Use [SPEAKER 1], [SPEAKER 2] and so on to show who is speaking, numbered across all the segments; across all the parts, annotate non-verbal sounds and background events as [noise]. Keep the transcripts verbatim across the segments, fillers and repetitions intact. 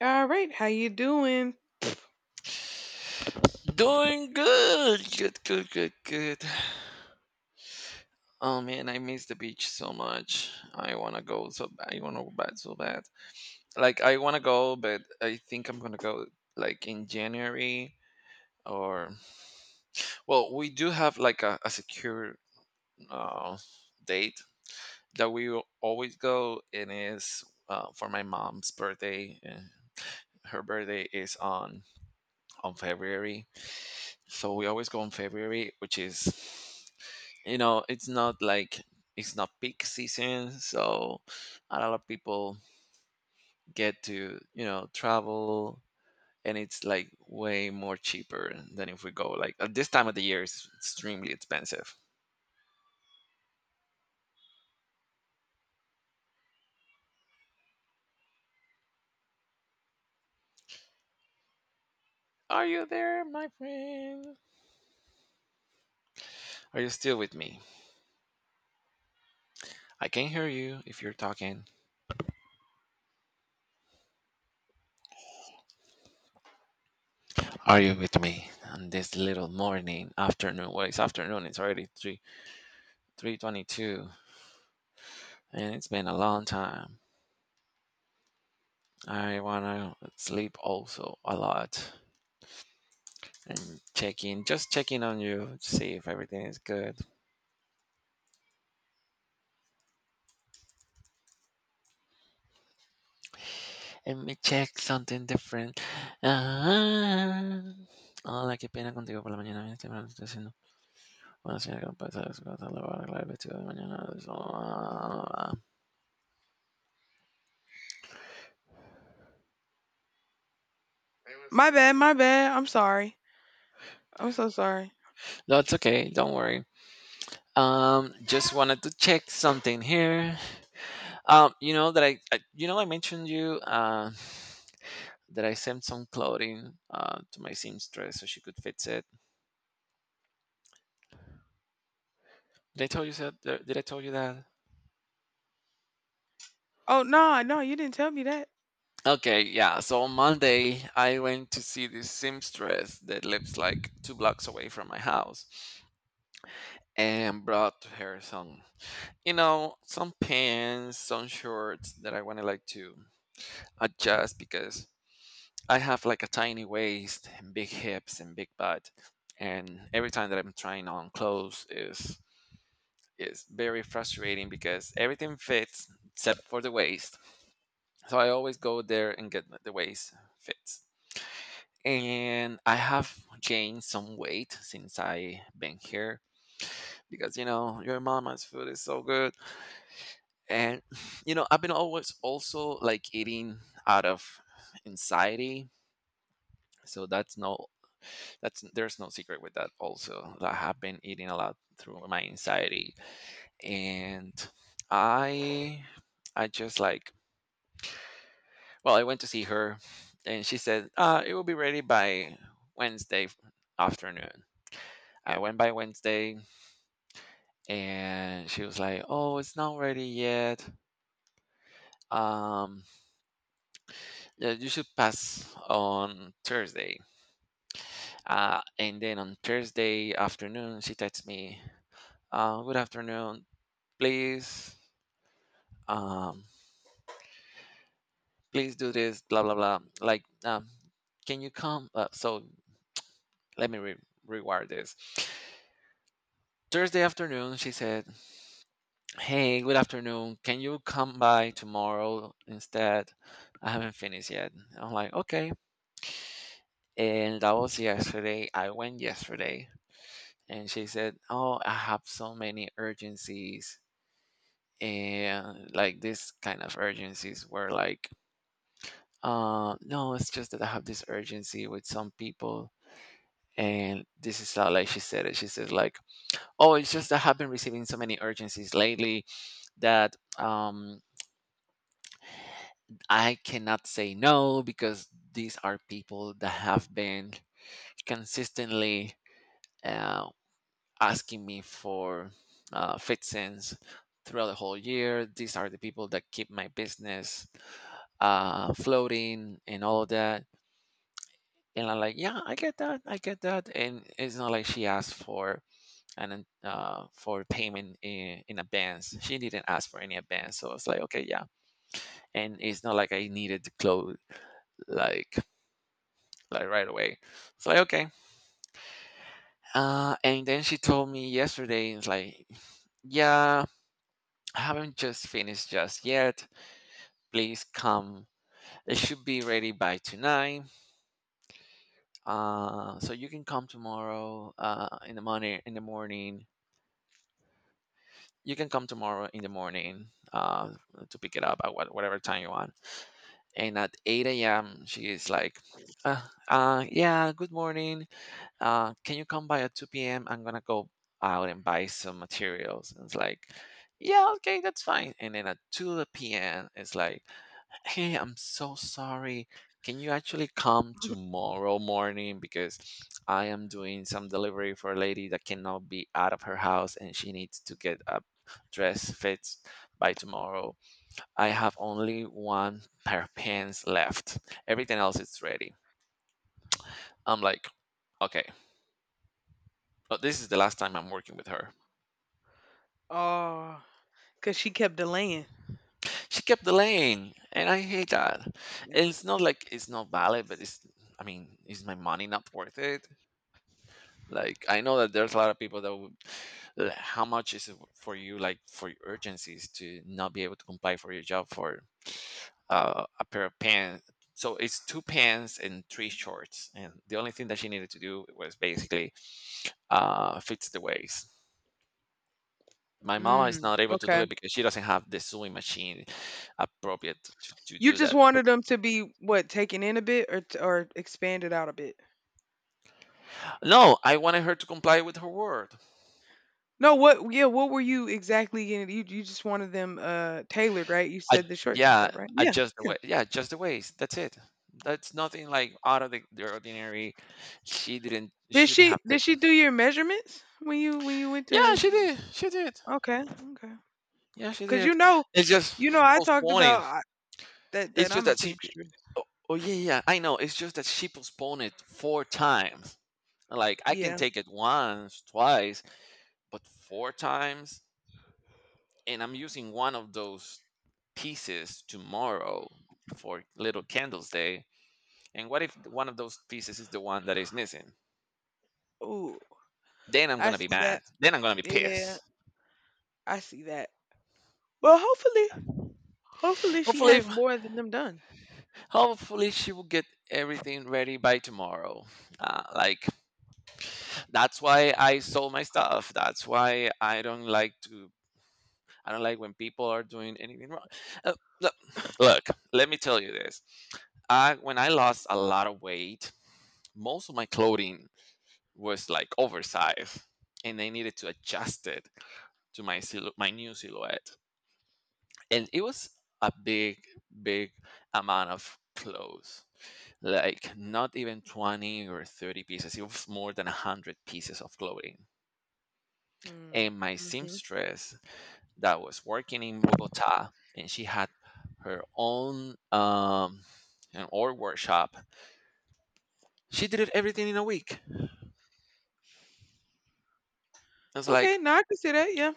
[SPEAKER 1] All right, how you doing?
[SPEAKER 2] Doing good. Good, good, good, good. Oh man, I miss the beach so much. I wanna go so b- I wanna go back so bad. Like I wanna go, but I think I'm gonna go like in January or well, we do have like a, a secure uh, date that we will always go. It is uh, for my mom's birthday. And her birthday is on on February. So we always go on February, which is, you know, it's not like it's not peak season, so a lot of people get to, you know, travel, and it's like way more cheaper than if we go like at this time of the year it's extremely expensive. Are you there, my friend? Are you still with me? I can hear you if you're talking. Are you with me on this little morning, afternoon? Well, it's afternoon. It's already three, three twenty-two. And it's been a long time. I wanna sleep also a lot, and check in, just checking on you to see if everything is good. Let me check something different. Ah. Hola, qué pena contigo por la mañana. Bien, temprano estoy haciendo. Bueno, señora, ¿cómo pasa? Es cosa, lo a arreglar el vestido de mañana. Eso.
[SPEAKER 1] My bad, my bad. I'm sorry. I'm so sorry.
[SPEAKER 2] That's okay. Don't worry. Um, just wanted to check something here. Um, you know that I, I you know, I mentioned you. Uh, that I sent some clothing uh, to my seamstress so she could fix it. Did I tell you that? Did I tell you that?
[SPEAKER 1] Oh no, no, you didn't tell me that.
[SPEAKER 2] Okay, yeah. So on Monday, I went to see this seamstress that lives like two blocks away from my house, and brought to her some, you know, some pants, some shorts that I wanted like to adjust because I have like a tiny waist and big hips and big butt. And every time that I'm trying on clothes is it's very frustrating because everything fits except for the waist. So I always go there and get the waist fits. And I have gained some weight since I been here because you know your mama's food is so good. And [laughs] you know, I've been always also like eating out of anxiety. So that's no that's there's no secret with that also. I have been eating a lot through my anxiety. And I I just like well, I went to see her, and she said, uh, "It will be ready by Wednesday afternoon." I went by Wednesday, and she was like, "Oh, it's not ready yet. Um, yeah, you should pass on Thursday." Uh, and then on Thursday afternoon, she texts me, uh, "Good afternoon, please, um, please do this, blah blah blah. Like, um, can you come?" Uh, so let me re- rewire this. Thursday afternoon, she said, hey, good afternoon. Can you come by tomorrow instead? I haven't finished yet. I'm like, okay. And that was yesterday. I went yesterday, and she said, oh, I have so many urgencies. And like this kind of urgencies were like, uh, no, it's just that I have this urgency with some people. And this is how like she said it. She said like, oh, it's just that I have been receiving so many urgencies lately that um I cannot say no because these are people that have been consistently uh, asking me for uh, fixings throughout the whole year. These are the people that keep my business uh, floating and all of that. And I'm like, yeah, I get that, I get that. And it's not like she asked for an uh, for payment in, in advance. She didn't ask for any advance, so it's like, okay, yeah. And it's not like I needed to close like like right away. It's like okay. Uh, and then she told me yesterday, it's like, yeah, I haven't just finished just yet. Please come. It should be ready by tonight. Uh, so you can come tomorrow. Uh, in the morning. In the morning. You can come tomorrow in the morning uh, to pick it up at what, whatever time you want. And at eight a m, she is like, uh, uh, yeah, good morning. uh, can you come by at two p m? I'm gonna go out and buy some materials. And it's like, yeah, okay, that's fine. And then at two p m, it's like, hey, I'm so sorry. Can you actually come
[SPEAKER 1] [laughs]
[SPEAKER 2] tomorrow morning? Because I am doing some delivery for a lady that cannot be out of her house and she needs to get a dress fit by tomorrow. I have only one pair of pants left. Everything else is ready. I'm like, okay, but this is the last time I'm working with her.
[SPEAKER 1] Oh, cause she kept delaying.
[SPEAKER 2] She kept delaying, and I hate that. And
[SPEAKER 1] Yeah.
[SPEAKER 2] it's not like it's not valid, but it's. I mean, is my money not worth it? Like, I know that there's a lot of people that would. Like, how much is it for you, like, for your urgencies to not be able to comply for your job for uh, a pair of pants? So it's two pants and three shorts, and the only thing that she needed to do was basically uh, fits the waist. My mama is
[SPEAKER 1] Mm,
[SPEAKER 2] not able to do
[SPEAKER 1] okay.
[SPEAKER 2] it because she doesn't have the sewing machine appropriate to, to
[SPEAKER 1] You
[SPEAKER 2] do
[SPEAKER 1] just
[SPEAKER 2] that.
[SPEAKER 1] wanted them to be what taken in a bit or t- or expanded out a bit.
[SPEAKER 2] No, I wanted her to comply with her word.
[SPEAKER 1] No, what? Yeah, what were you exactly getting? You you just wanted them uh tailored, right? You
[SPEAKER 2] I,
[SPEAKER 1] said the shorts and
[SPEAKER 2] yeah,
[SPEAKER 1] stuff, right? Yeah,
[SPEAKER 2] adjust the
[SPEAKER 1] yeah.
[SPEAKER 2] way. Yeah, just the ways. That's it. That's nothing like out of the, the ordinary. She didn't.
[SPEAKER 1] Did
[SPEAKER 2] Shouldn't
[SPEAKER 1] she
[SPEAKER 2] have
[SPEAKER 1] did she
[SPEAKER 2] taken.
[SPEAKER 1] do your measurements when you when you went
[SPEAKER 2] Yeah,
[SPEAKER 1] to?
[SPEAKER 2] she did. She did.
[SPEAKER 1] Okay, okay.
[SPEAKER 2] Yeah, she
[SPEAKER 1] Cause you
[SPEAKER 2] did.
[SPEAKER 1] know,
[SPEAKER 2] It's just
[SPEAKER 1] you know, I talked
[SPEAKER 2] postponing.
[SPEAKER 1] about. That
[SPEAKER 2] It's
[SPEAKER 1] that
[SPEAKER 2] just
[SPEAKER 1] I'm a
[SPEAKER 2] that she.
[SPEAKER 1] seamstress.
[SPEAKER 2] Oh, oh, yeah, yeah. I know. It's just that she postponed it four times. Like I can
[SPEAKER 1] Yeah.
[SPEAKER 2] take it once, twice, but four times. And I'm using one of those pieces tomorrow for Little Candles Day. And what if one of those pieces is the one that is missing?
[SPEAKER 1] Ooh,
[SPEAKER 2] Then I'm
[SPEAKER 1] I
[SPEAKER 2] gonna be
[SPEAKER 1] see that.
[SPEAKER 2] mad. Then I'm gonna be
[SPEAKER 1] Yeah,
[SPEAKER 2] pissed.
[SPEAKER 1] I see that. Well, hopefully, hopefully she
[SPEAKER 2] Hopefully,
[SPEAKER 1] has more than them done.
[SPEAKER 2] hopefully she will get everything ready by tomorrow. Uh, like that's why I sold my stuff. That's why I don't like to. I don't like when people are doing anything wrong. Uh, Look, look, let me tell you this. I When I lost a lot of weight, most of my clothing was like oversized and I needed to adjust it to my silhou- my new silhouette. And it was a big, big amount of clothes. Like not even twenty or thirty pieces. It was more than a hundred pieces of clothing.
[SPEAKER 1] Mm.
[SPEAKER 2] And my
[SPEAKER 1] Hmm.
[SPEAKER 2] seamstress that was working in Bogota, and she had her own um an art workshop. She did it everything in a week. I was
[SPEAKER 1] Okay,
[SPEAKER 2] like,
[SPEAKER 1] now I can see that. Yeah.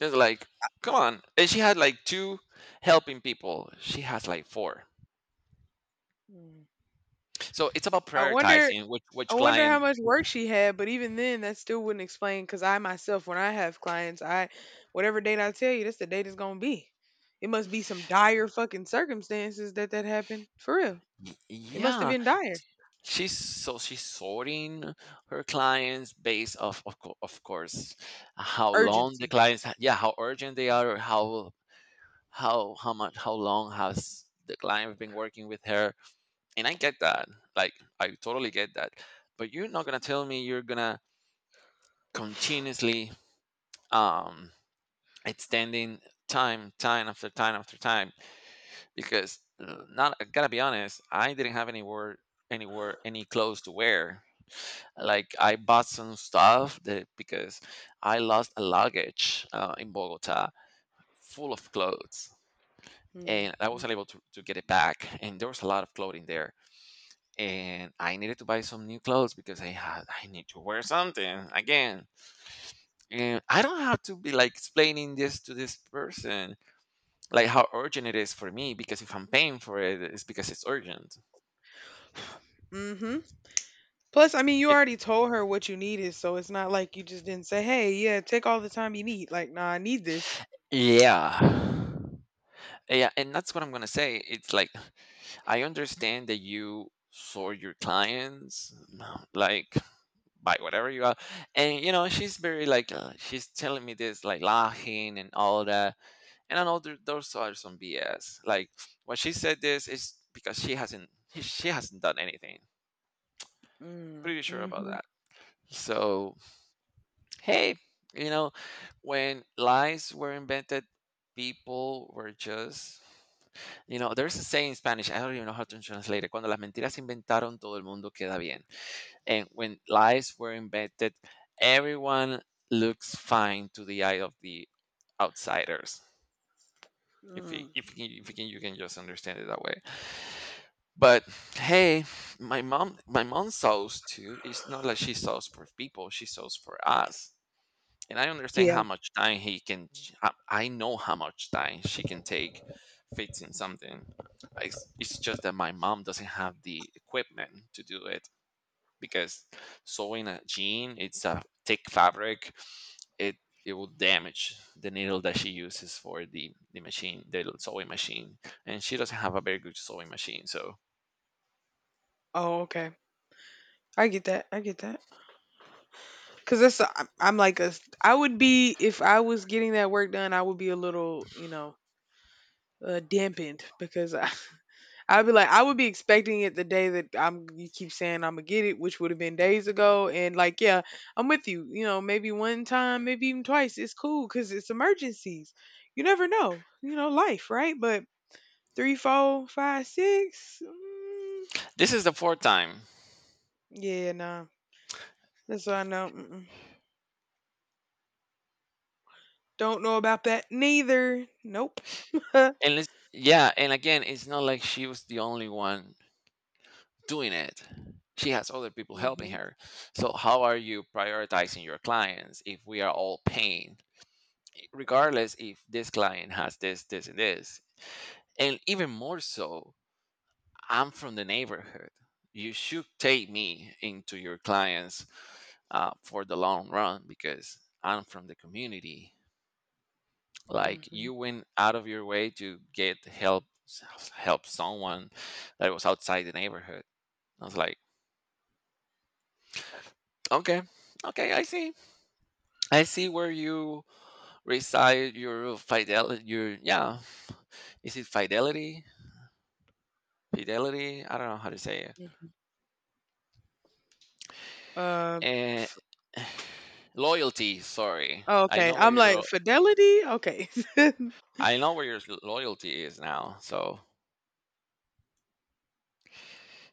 [SPEAKER 2] it's like, come on. And she had like two helping people. She has like four.
[SPEAKER 1] Mm.
[SPEAKER 2] So it's about
[SPEAKER 1] I wonder.
[SPEAKER 2] prioritizing which
[SPEAKER 1] I
[SPEAKER 2] which
[SPEAKER 1] wonder how
[SPEAKER 2] client.
[SPEAKER 1] much work she had, but even then, that still wouldn't explain. Because I myself, when I have clients, I whatever date I tell you, that's the date it's gonna be. It must be some dire fucking circumstances that that happened for real. It must have
[SPEAKER 2] Yeah,
[SPEAKER 1] been dire
[SPEAKER 2] she's so she's sorting her clients based off of co- of course, how long the
[SPEAKER 1] urgency.
[SPEAKER 2] clients ha- yeah, how urgent they are or how how how much, how long has the client been working with her, and I get that, like I totally get that, but you're not gonna tell me you're gonna continuously um extending time, time after time after time because uh, not I gotta be honest, I didn't have anywhere anywhere any clothes to wear. Like I bought some stuff that because I lost a luggage uh, in Bogota full of clothes and I wasn't
[SPEAKER 1] Mm-hmm.
[SPEAKER 2] able to, to get it back and there was a lot of clothing there and I needed to buy some new clothes because I had I need to wear something again. And I don't have to be like explaining this to this person like how urgent it is for me because if I'm paying for it it's because it's urgent.
[SPEAKER 1] Plus, I mean, you
[SPEAKER 2] It-
[SPEAKER 1] already told her what you needed, so it's not like you just didn't say, "Hey, yeah, take all the time you need." Like, "Nah, I need this."
[SPEAKER 2] yeah, yeah, and that's what I'm gonna say, it's like I understand that you sort your clients like by whatever you are, and you know she's very like uh, she's telling me this like laughing and all that, and I know there, those are some bs, like when she said this is because she hasn't, she hasn't done anything,
[SPEAKER 1] Mm,
[SPEAKER 2] pretty sure about
[SPEAKER 1] mhm,
[SPEAKER 2] that. So hey, you know, when lies were invented, people were just, you know, there's a saying in Spanish, I don't even know how to translate it. Cuando las mentiras se inventaron, todo el mundo queda bien. And when lies were invented, everyone looks fine to the eye of the outsiders. If you,
[SPEAKER 1] mm.
[SPEAKER 2] if you, if you can, you can just understand it that way. But hey, my mom, my mom sews too. It's not like she sews for people; she sews for us, and I understand
[SPEAKER 1] Yeah.
[SPEAKER 2] how much time he can. I I know how much time she can take fixing something. It's, it's just that my mom doesn't have the equipment to do it because sewing a jean, it's a thick fabric. It it will damage the needle that she uses for the the machine, the sewing machine, and she doesn't have a very good sewing machine. So
[SPEAKER 1] Oh, okay. I get that. I get that. Cause that's a I'm I'm like a s I am like ai would be if I was getting that work done, I would be a little, you know, uh, dampened because I, I'd be like, I would be expecting it the day that I'm you keep saying I'm gonna get it, which would have been days ago. And like, yeah, I'm with you. You know, maybe one time, maybe even twice. It's cool because it's emergencies. You never know. You know, life, right? But three, four, five, six. Mm,
[SPEAKER 2] this is the fourth time,
[SPEAKER 1] yeah, nah. That's what I know. Mm-mm. Don't know about that neither. Nope. [laughs] Hmm.
[SPEAKER 2] and it's, yeah, and again, it's not like she was the only one doing it. She has other people helping her. So, how are you prioritizing your clients if we are all paying, regardless if this client has this, this, and this? And even more so, I'm from the neighborhood. You should take me into your clients uh, for the long run because I'm from the community. Like
[SPEAKER 1] Hmm.
[SPEAKER 2] you went out of your way to get help help someone that was outside the neighborhood. I was like, okay, okay, I see. I see where you reside your fidelity. Your yeah, is it fidelity? Fidelity? I don't know how to say it.
[SPEAKER 1] Uh,
[SPEAKER 2] And [sighs] loyalty. Sorry,
[SPEAKER 1] oh,
[SPEAKER 2] I
[SPEAKER 1] okay.
[SPEAKER 2] know where
[SPEAKER 1] I'm like
[SPEAKER 2] your
[SPEAKER 1] fidelity. Okay. [laughs]
[SPEAKER 2] I know where your loyalty is now. So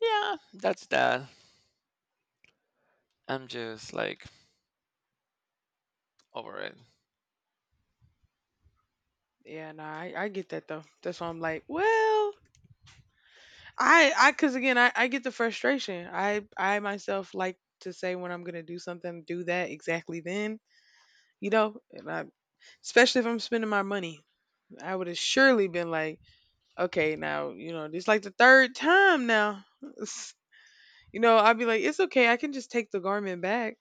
[SPEAKER 2] yeah, that's that. I'm just like over it.
[SPEAKER 1] Yeah, nah. I, I get that though. That's why I'm like, well. I I because again I, I get the frustration. I I myself like to say when I'm gonna do something, do that exactly then. You know, and I, especially if I'm spending my money, I would have surely been like, okay, now you know this like the third time now. [laughs] You know, I'd be like, it's okay, I can just take the garment back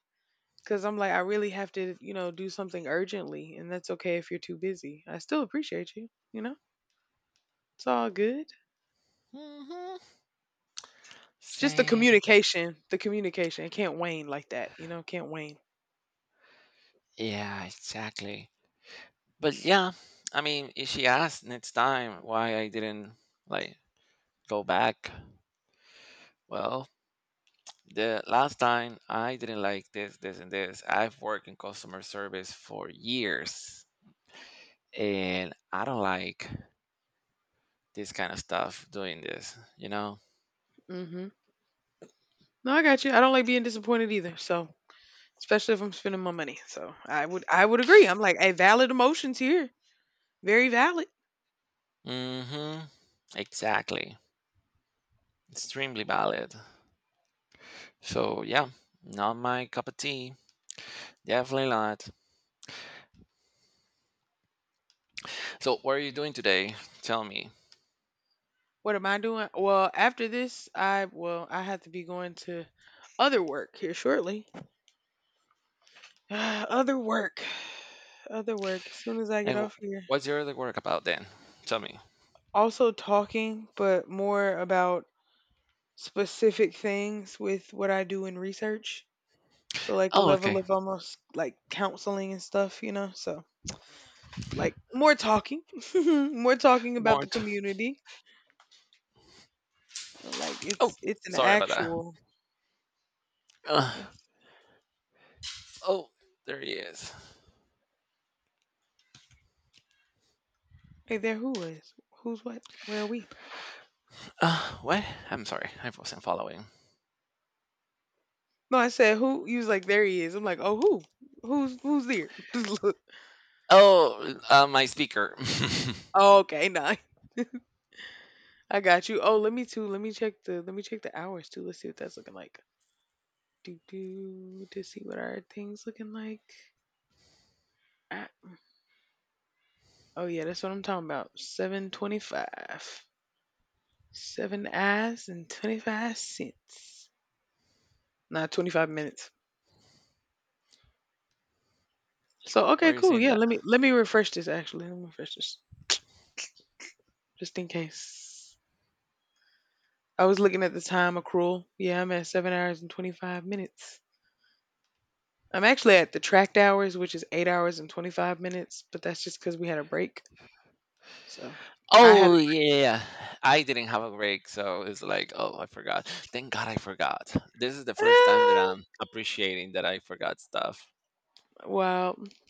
[SPEAKER 1] because I'm like, I really have to, you know, do something urgently, and that's okay if you're too busy. I still appreciate you. You know, it's all good.
[SPEAKER 2] hmm
[SPEAKER 1] It's just the
[SPEAKER 2] Same.
[SPEAKER 1] communication, the communication. It can't wane like that. You know, can't wane.
[SPEAKER 2] Yeah, exactly. But yeah, I mean, if she asked next time why I didn't like go back, well, the last time I didn't like this, this, and this. I've worked in customer service for years, and I don't like this kind of stuff doing this, you know?
[SPEAKER 1] Mhm. No, I got you. I don't like being disappointed either. So, especially if I'm spending my money. So, I would I would agree. I'm like, "Hey, valid emotions here. Very valid."
[SPEAKER 2] Mm-hmm. Exactly. Extremely valid. So, yeah, not my cup of tea. Definitely not. So, what are you doing today? Tell me.
[SPEAKER 1] What am I doing? Well, after this, I well, I have to be going to other work here shortly. [sighs] Other work. Other work as soon as I get
[SPEAKER 2] And
[SPEAKER 1] off
[SPEAKER 2] wh-
[SPEAKER 1] here.
[SPEAKER 2] what's your other work about then? Tell me.
[SPEAKER 1] Also talking, but more about specific things with what I do in research. So like a
[SPEAKER 2] Oh,
[SPEAKER 1] level
[SPEAKER 2] okay.
[SPEAKER 1] of almost like counseling and stuff, you know. So like more talking [laughs] more talking about the
[SPEAKER 2] Mort.
[SPEAKER 1] community like
[SPEAKER 2] Oh,
[SPEAKER 1] it's it's an
[SPEAKER 2] sorry about that.
[SPEAKER 1] actual
[SPEAKER 2] Ugh.
[SPEAKER 1] it's,
[SPEAKER 2] Oh, there he is.
[SPEAKER 1] hey there who is who's what where are we.
[SPEAKER 2] Uh, what? I'm sorry, I wasn't following.
[SPEAKER 1] No, I said who, he was like, "there he is," I'm like, oh who, who's who's there. [laughs] Just look.
[SPEAKER 2] Oh, uh, my speaker. [laughs]
[SPEAKER 1] Oh, okay, nah, I got you. Oh, let me too let me check the let me check the hours too, let's see what that's looking like. Do do To see what our things looking like. Ah, oh yeah, that's what I'm talking about, seven twenty-five, seven eyes and twenty-five cents. Not twenty-five minutes. So
[SPEAKER 2] Why
[SPEAKER 1] okay,
[SPEAKER 2] are you
[SPEAKER 1] cool.
[SPEAKER 2] saying
[SPEAKER 1] Yeah,
[SPEAKER 2] that?
[SPEAKER 1] let me let me refresh this actually. Let me refresh this just in case. I was looking at the time accrual. Yeah, I'm at seven hours and twenty-five minutes. I'm actually at the tracked hours, which is eight hours and twenty-five minutes, but that's just cuz we had a break. So I had
[SPEAKER 2] Oh yeah, yeah, yeah. I didn't have a break, so it's like, oh, I forgot. Thank God I forgot. This is the first time that
[SPEAKER 1] ah,
[SPEAKER 2] I'm appreciating that I forgot stuff.
[SPEAKER 1] wow. [laughs]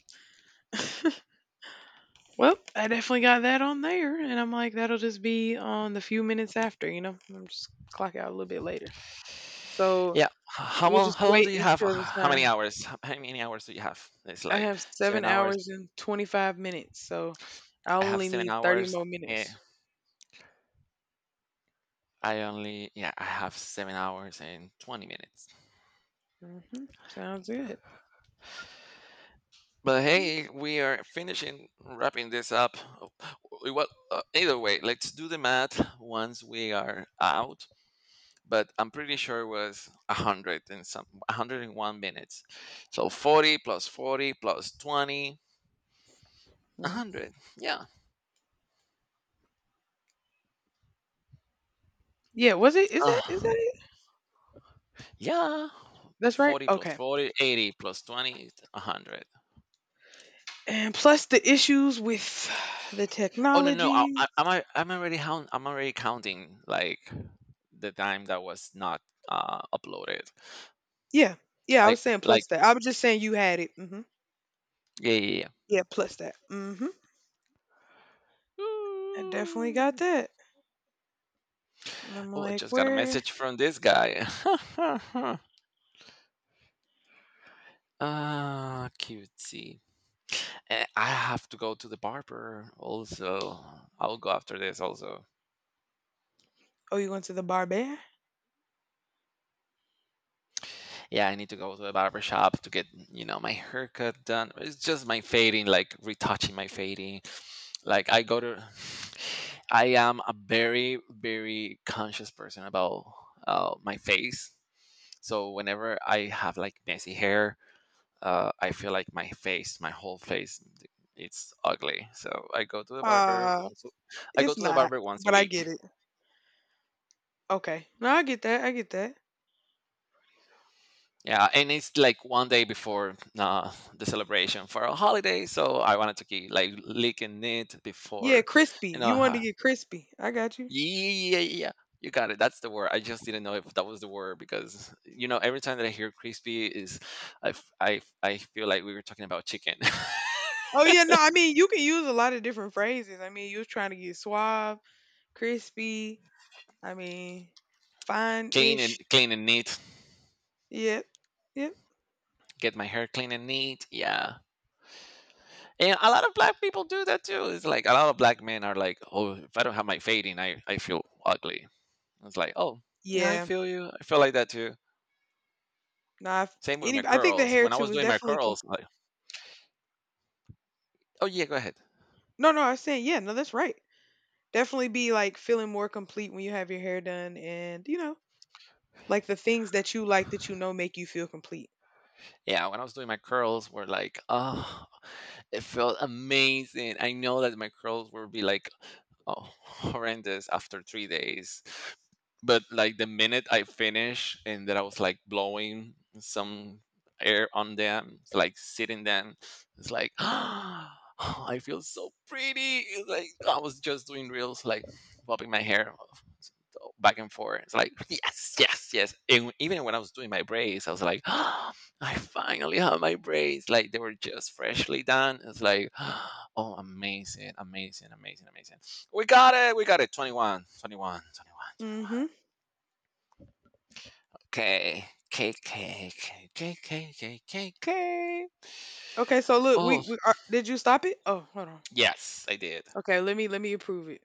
[SPEAKER 1] Well, I definitely got that on there and I'm like that'll just be on the few minutes after, you know. I'm just clock out a little bit later. So
[SPEAKER 2] Yeah. h- How
[SPEAKER 1] we'll
[SPEAKER 2] long?
[SPEAKER 1] just
[SPEAKER 2] How long
[SPEAKER 1] wait
[SPEAKER 2] do you have?
[SPEAKER 1] until the
[SPEAKER 2] How many
[SPEAKER 1] time.
[SPEAKER 2] hours? How how many hours do you have? It's
[SPEAKER 1] I
[SPEAKER 2] like
[SPEAKER 1] have seven
[SPEAKER 2] seven hours.
[SPEAKER 1] hours and twenty-five minutes, so I
[SPEAKER 2] I have
[SPEAKER 1] only
[SPEAKER 2] seven
[SPEAKER 1] need thirty
[SPEAKER 2] hours.
[SPEAKER 1] more
[SPEAKER 2] And
[SPEAKER 1] minutes.
[SPEAKER 2] I only yeah, I have seven hours and twenty minutes.
[SPEAKER 1] Hmm. Sounds good.
[SPEAKER 2] But hey, we are finishing wrapping this up. We- Well, uh, either way, let's do the math once we are out. But I'm pretty sure it was one hundred and some a hundred and one minutes. So forty plus forty plus twenty, a
[SPEAKER 1] Mhm.
[SPEAKER 2] a hundred. Yeah.
[SPEAKER 1] Yeah, was it? Is that is that
[SPEAKER 2] Uh,
[SPEAKER 1] it?
[SPEAKER 2] yeah.
[SPEAKER 1] That's right.
[SPEAKER 2] forty plus
[SPEAKER 1] Okay.
[SPEAKER 2] forty, eighty plus twenty, is a hundred.
[SPEAKER 1] And plus the issues with [sighs] the
[SPEAKER 2] Oh no, no. I, I,
[SPEAKER 1] technology.
[SPEAKER 2] I'm al- I'm already count, I'm already counting like the time that was not uh, uploaded.
[SPEAKER 1] Yeah, yeah. I
[SPEAKER 2] Like
[SPEAKER 1] was saying
[SPEAKER 2] like
[SPEAKER 1] plus that. I was just saying you had it. Hmm.
[SPEAKER 2] yeah, yeah, yeah.
[SPEAKER 1] Yeah, plus that. Hmm. I definitely got that. And I'm
[SPEAKER 2] Oh, I
[SPEAKER 1] like,
[SPEAKER 2] just got a
[SPEAKER 1] where?
[SPEAKER 2] message from this guy. [laughs] Ah, cutesy. Eh, I have to go to the barber also. I'll go after this also.
[SPEAKER 1] Oh, you went to the barber?
[SPEAKER 2] Yeah, I need to go to a barber shop to get, you know, my haircut done. It's just my fading, like retouching my fading. Like I go to [sighs] I am a very, very conscious person about uh, my face. So whenever I have like messy hair, uh, I feel like my face, my whole face, it's ugly. So I go to the barber
[SPEAKER 1] Uh,
[SPEAKER 2] once. a- I go
[SPEAKER 1] it's
[SPEAKER 2] to the
[SPEAKER 1] not.
[SPEAKER 2] barber once a
[SPEAKER 1] But I get
[SPEAKER 2] week.
[SPEAKER 1] it. Okay. No, I get that. I get that.
[SPEAKER 2] Yeah, and it's like one day before uh, the celebration for a holiday, so I wanted to keep like licking it
[SPEAKER 1] Yeah,
[SPEAKER 2] before,
[SPEAKER 1] crispy.
[SPEAKER 2] you know.
[SPEAKER 1] You wanted
[SPEAKER 2] uh,
[SPEAKER 1] to get crispy. I got you.
[SPEAKER 2] Yeah, yeah, yeah. You got it. That's the word. I just didn't know if that was the word because you know every time that I hear crispy is, I, f- I, f- I feel like we were talking about chicken. [laughs]
[SPEAKER 1] Oh yeah, no, I mean you can use a lot of different phrases. I mean, you was trying to get suave, crispy. I mean,
[SPEAKER 2] clean and
[SPEAKER 1] fine-ish.
[SPEAKER 2] clean and neat.
[SPEAKER 1] Yep, yep,
[SPEAKER 2] Get my hair clean and neat. Yeah. And a lot of black people do that too. It's like a lot of black men are like, oh, if I don't have my fading, I, I feel ugly. It's like, oh, yeah, I
[SPEAKER 1] yeah.
[SPEAKER 2] feel you. I feel like that too.
[SPEAKER 1] Nah, if
[SPEAKER 2] Same with my
[SPEAKER 1] any. I think the
[SPEAKER 2] curls.
[SPEAKER 1] hair
[SPEAKER 2] When I
[SPEAKER 1] too
[SPEAKER 2] was
[SPEAKER 1] is
[SPEAKER 2] doing my
[SPEAKER 1] definitely. Com-
[SPEAKER 2] curls, like, oh, yeah, go ahead.
[SPEAKER 1] no, no, I was saying yeah. No, that's right. Definitely be like feeling more complete when you have your hair done, and you know, like the things that you like that you know make you feel complete.
[SPEAKER 2] Yeah, when I was doing my curls, were like, oh, it felt amazing. I know that my curls would be like oh, [laughs] horrendous after three days. But like the minute I finish and that I was like blowing some air on them, like sitting them, it's like [gasps] I feel so pretty. It's like I was just doing reels, like bobbing my hair back and forth. It's like, yes, yes, yes. And even when I was doing my braids, I was like, [gasps] I finally have my braids. Like they were just freshly done. It's like, [gasps] oh, amazing, amazing, amazing, amazing. We got it. We got it. Twenty-one, twenty-one, twenty-one,
[SPEAKER 1] Mm-hmm.
[SPEAKER 2] twenty-one. Okay. K, K, K, K, K, K, K, K.
[SPEAKER 1] Okay, so look, we
[SPEAKER 2] Oh,
[SPEAKER 1] we are, did you stop it? Oh, hold on.
[SPEAKER 2] yes, I did.
[SPEAKER 1] Okay, let me let me approve it.